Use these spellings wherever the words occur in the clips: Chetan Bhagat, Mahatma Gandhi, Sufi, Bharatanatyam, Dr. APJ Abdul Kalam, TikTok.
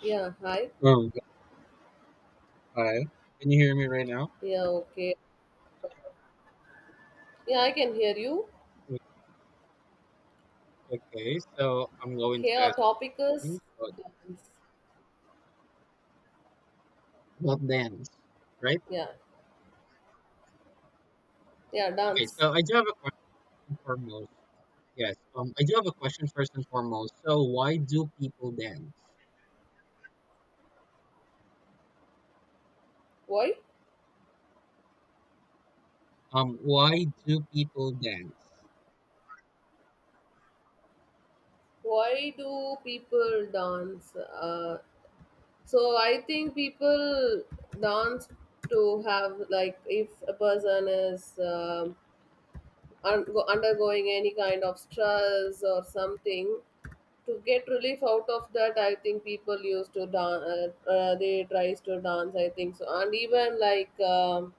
Yeah, hi. Um, Hi. Can you hear me right now? Yeah, okay. Yeah, I can hear you. O- Okay, so I'm going Okay, to our ask a topic question is so dance. about dance, right? Yeah, yeah, Okay, dance. so I do have a question foremost. Yes, I do have a question first and foremost. So why do people dance? Why? Why do people dance? Why do people dance? So I think people dance to have like if a person is undergoing any kind of stress or something to get relief out of that. I think people used to dance, they tries to dance, I think so. And even like,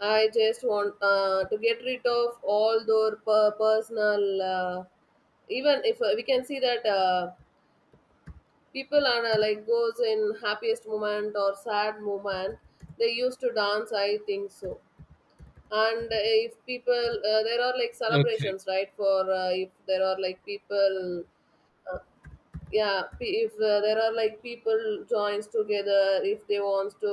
I just want to get rid of all their personal. Even if we can see that people are, like, goes in happiest moment or sad moment, they used to dance. I think so. And if people, there are like Okay. celebrations, right? For if there are like people. If there are like people joins together, if they wants to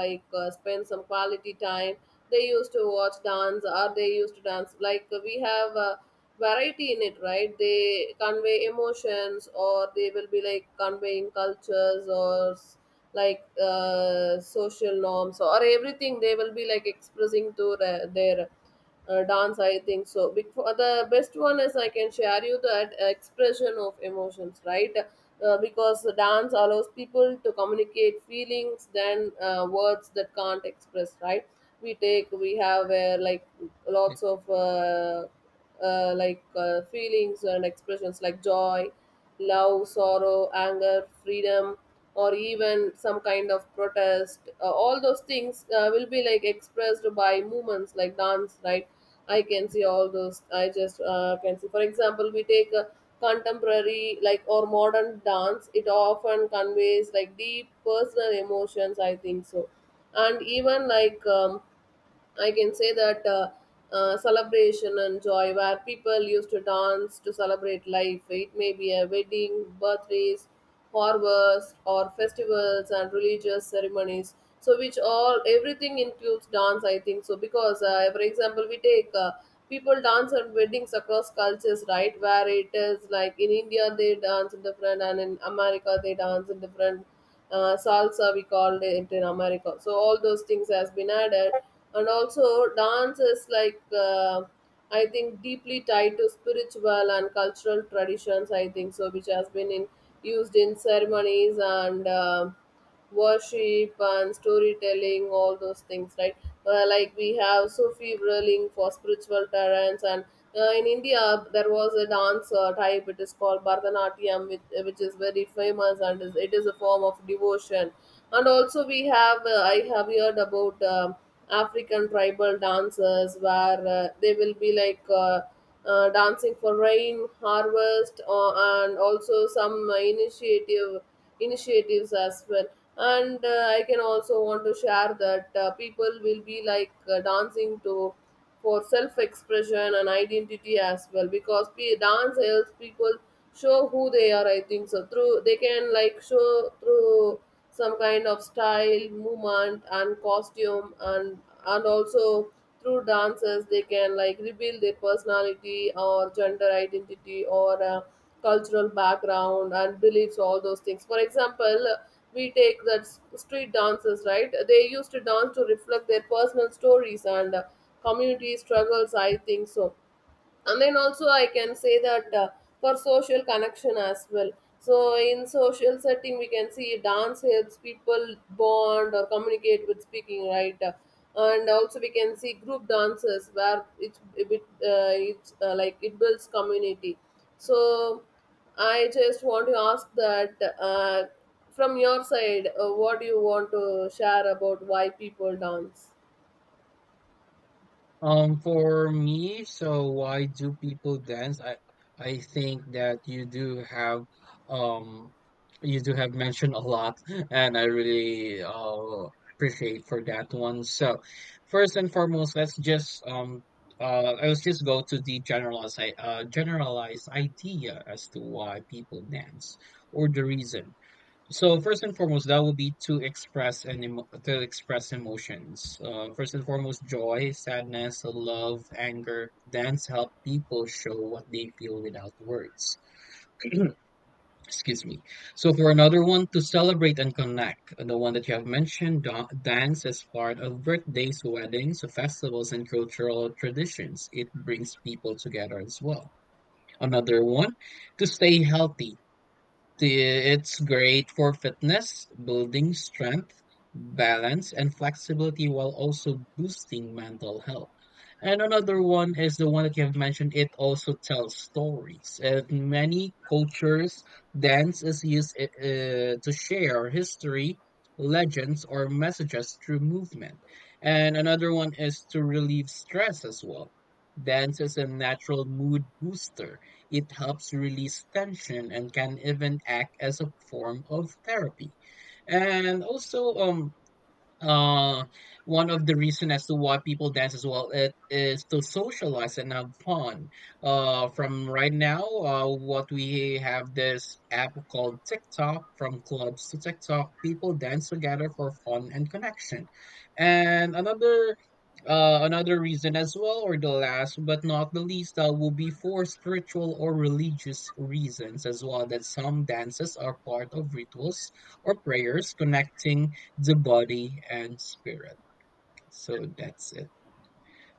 like spend some quality time, they used to watch dance or they used to dance. Like we have variety in it, right? They convey emotions, or they will be like conveying cultures or like social norms, or everything they will be like expressing to the, their dance, I think so. Before, the best one is I can share you that expression of emotions, right? Because the dance allows people to communicate feelings than words that can't express, right? We have like Yeah. lots of like feelings and expressions like joy, love, sorrow, anger, freedom, or even some kind of protest. All those things will be like expressed by movements like dance, right? I can see all those. I just can see. For example, we take a contemporary like or modern dance. It often conveys like deep personal emotions, I think so. And even like, I can say that, celebration and joy, where people used to dance to celebrate life. It may be a wedding, birthdays, harvest, or festivals and religious ceremonies. So, which all everything includes dance, I think. So, because for example, we take people dance at weddings across cultures, right? Where it is like in India they dance in different, and in America they dance in different salsa, we called it in America. So all those things has been added. And also dance is like, I think, deeply tied to spiritual and cultural traditions, I think so, which has been in used in ceremonies and worship and storytelling, all those things, right? Like we have Sufi ruling for spiritual talents. And in India there was a dance type. It is called Bharatanatyam, which is very famous, and it is a form of devotion. And also we have, I have heard about African tribal dances where they will be like. Dancing for rain, harvest, and also some initiatives as well. And I can also want to share that people will be like dancing to for self-expression and identity as well, because dance helps people show who they are, I think so, through they can like show through some kind of style, movement, and costume, and also through dances they can like reveal their personality or gender identity or cultural background and beliefs, all those things. For example, we take that street dances, right? They used to dance to reflect their personal stories and community struggles, I think so. And then also I can say that, for social connection as well. So in social setting we can see dance helps people bond or communicate with speaking, right? And also we can see group dances where it's a bit it's like it builds community. So I just want to ask that, from your side, what do you want to share about why people dance? For me, so why do people dance? I think that um you do have mentioned a lot, and I really appreciate for that one. So first and foremost, let's just go to the generalized generalized idea as to why people dance or the reason. So first and foremost, that would be to express to express emotions. First and foremost, joy, sadness, love, anger. Dance help people show what they feel without words. Excuse me. So for another one, to celebrate and connect, the one that you have mentioned, dance is part of birthdays, weddings, festivals, and cultural traditions. It brings people together as well. Another one, to stay healthy it's great for fitness, building strength, balance, and flexibility while also boosting mental health. And another one is the one that you have mentioned. It also tells stories. In many cultures, dance is used to share history, legends, or messages through movement. And another one is to relieve stress as well. Dance is a natural mood booster. It helps release tension and can even act as a form of therapy. And also, uh one of the reason as to why people dance as well, it is to socialize and have fun. From right now, what we have this app called TikTok, from clubs to TikTok, people dance together for fun and connection. And another reason as well, or the last but not the least, will be for spiritual or religious reasons as well, that some dances are part of rituals or prayers connecting the body and spirit. So that's it.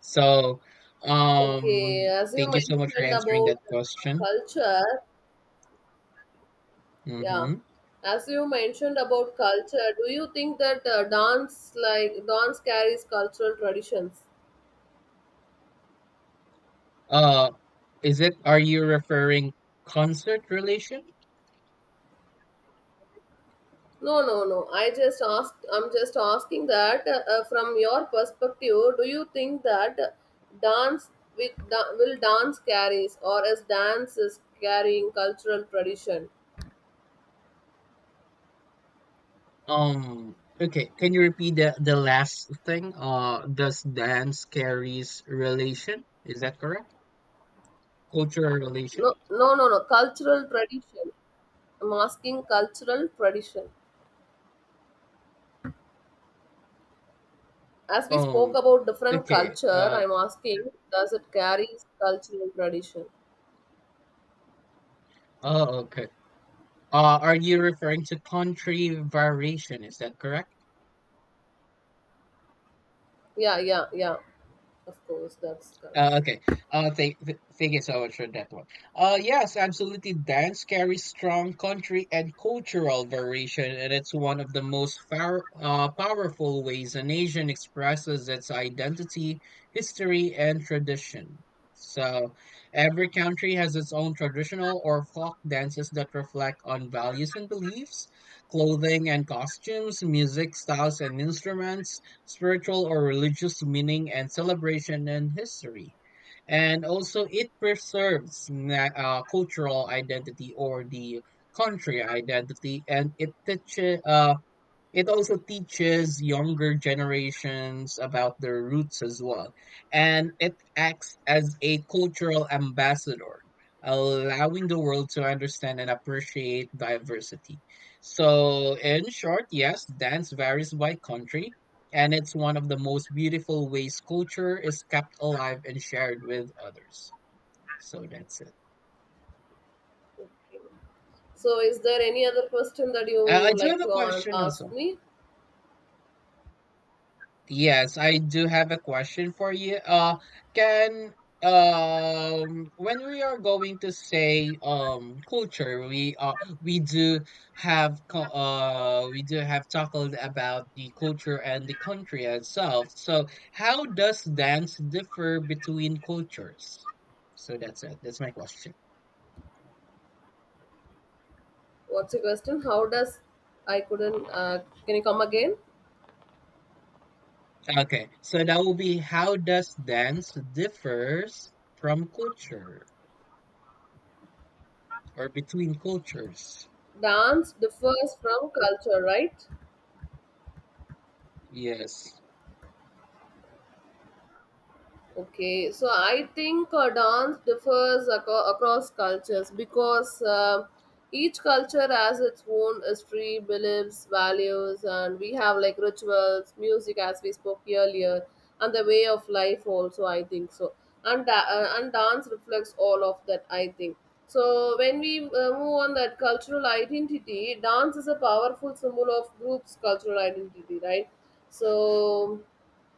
So um Okay, as you thank you so much for mentioned answering about that question. culture. Yeah, Mm-hmm. as you mentioned about culture, do you think that dance carries cultural traditions? Uh is it, are you referring concert relation? No, no, no. I just asked. I'm just asking that, from your perspective, do you think that dance will dance carries, or is dance is carrying cultural tradition? Okay, can you repeat the last thing? Does dance carries relation? Is that correct? Cultural relation? No, no, no, no. Cultural tradition. I'm asking cultural tradition. As we spoke Um, about different okay. culture, I'm asking, does it carry cultural tradition? Oh, okay. Are you referring to country variation? Is that correct? Yeah, yeah, yeah. Of course, that's Oh, correct. okay. Oh, thank you so much for that one. Yes, absolutely. Dance carries strong country and cultural variation, and it's one of the most far, powerful ways a nation expresses its identity, history, and tradition. So, every country has its own traditional or folk dances that reflect on values and beliefs, clothing and costumes, music styles and instruments, spiritual or religious meaning and celebration and history. And also, it preserves cultural identity or the country identity, and it teaches. It also teaches younger generations about their roots as well, and it acts as a cultural ambassador, allowing the world to understand and appreciate diversity. So in short, yes, dance varies by country, and it's one of the most beautiful ways culture is kept alive and shared with others. So that's it. So, is there any other question that you I would do like have a to question ask also. me? Yes, I do have a question for you. Can When we are going to say culture, we do we do have talked about the culture and the country itself. So how does dance differ between cultures? So that's it. That's my question. What's your question? How does. I couldn't? Can you come again? Okay, so that will be how does dance differs from culture or between cultures? Dance differs from culture, right? Yes. Okay, so I think dance differs across cultures because, each culture has its own history, beliefs, values, and we have like rituals, music, as we spoke earlier, and the way of life also, I think so. And dance reflects all of that, I think so. When we move on that cultural identity, dance is a powerful symbol of groups' cultural identity, right? So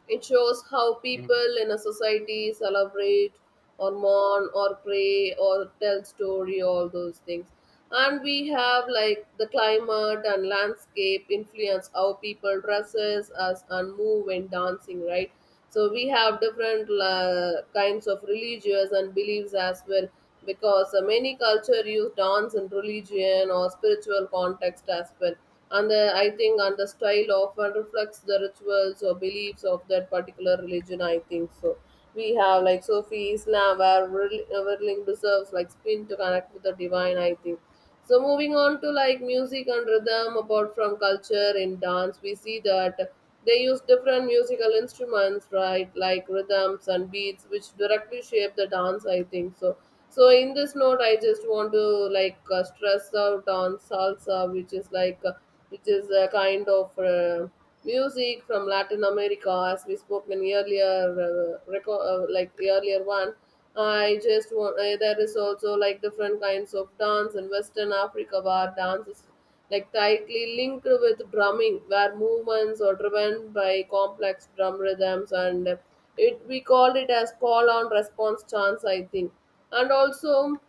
it shows how Mm. people in a society celebrate or mourn or pray or tell story, all those things. And we have like the climate and landscape influence how people dresses us and move when dancing, right? So we have different kinds of religious and beliefs as well, because many culture use dance in religion or spiritual context as well. And the, I think, and the style often reflects the rituals or beliefs of that particular religion, I think so. We have like Sufi Islam where whirling deserves like spin to connect with the divine, I think so. Moving on to like music and rhythm, apart from culture in dance, we see that they use different musical instruments, right? Like rhythms and beats, which directly shape the dance, I think so. So in this note, I just want to like stress out on salsa, which is like which is a kind of music from Latin America, as we spoke in earlier like earlier one. I just want. There is also like different kinds of dance in Western Africa where dance is like tightly linked with drumming, where movements are driven by complex drum rhythms, and it we called it as call on response chants, I think. And also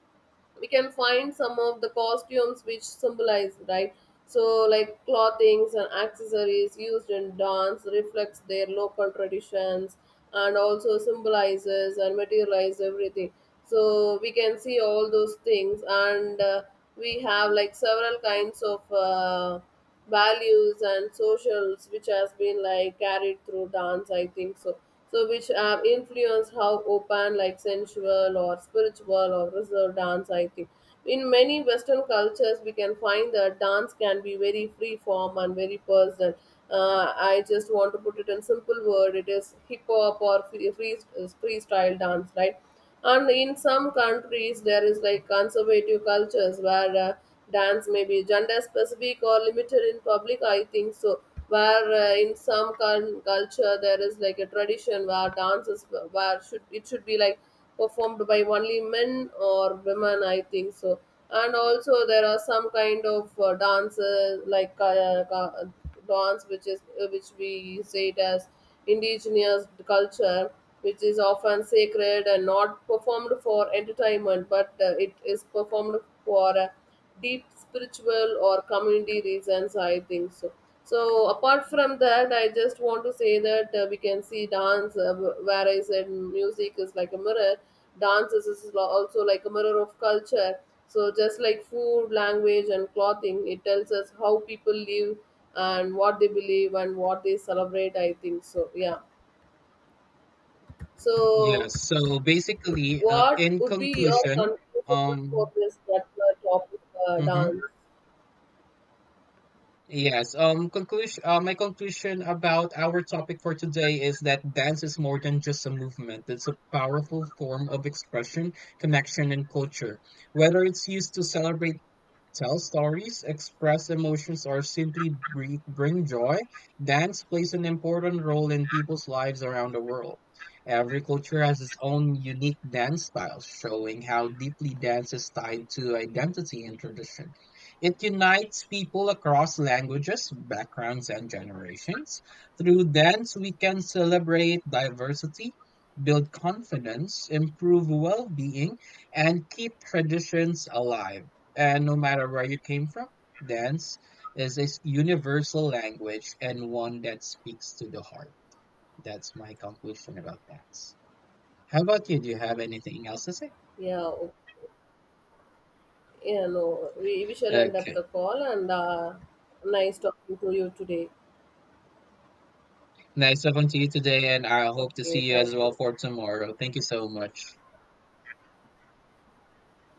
we can find some of the costumes which symbolize, right? So like clothings and accessories used in dance reflects their local traditions, and also symbolizes and materialize everything. So we can see all those things. And we have like several kinds of values and socials which has been like carried through dance, I think so, so which have influenced how open like sensual or spiritual or reserved dance, I think. In many western cultures we can find that dance can be very free form and very personal. I just want to put it in simple word, it is hip hop or free freestyle dance, right? And in some countries, there is like conservative cultures where dance may be gender specific or limited in public, I think so. Where in some culture there is like a tradition where dances where should it should be like performed by only men or women, I think so. And also there are some kind of dance, which is which we say it as indigenous culture, which is often sacred and not performed for entertainment, but it is performed for deep spiritual or community reasons, I think so. So apart from that, I just want to say that we can see dance, where I said music is like a mirror. Dance is also like a mirror of culture. So just like food, language, and clothing, it tells us how people live, and what they believe and what they celebrate, I think so. Yeah, so Yes. So basically, what in would be your conclusion, conclusion for um, this particular topic? Mhm, Dance. yes, conclusion. My conclusion about our topic for today is that dance is more than just a movement. It's a powerful form of expression, connection, and culture. Whether it's used to celebrate, tell stories, express emotions, or simply bring joy, dance plays an important role in people's lives around the world. Every culture has its own unique dance style, showing how deeply dance is tied to identity and tradition. It unites people across languages, backgrounds, and generations. Through dance, we can celebrate diversity, build confidence, improve well being, and keep traditions alive. And no matter where you came from, dance is a universal language, and one that speaks to the heart. That's my conclusion about dance. How about you? Do you have anything else to say? Yeah, okay. Yeah, no, we shall end up Okay. the call. And nice talking to you today. Nice talking to you today, and I hope to Okay, see you thank as well you. for tomorrow. Thank you so much.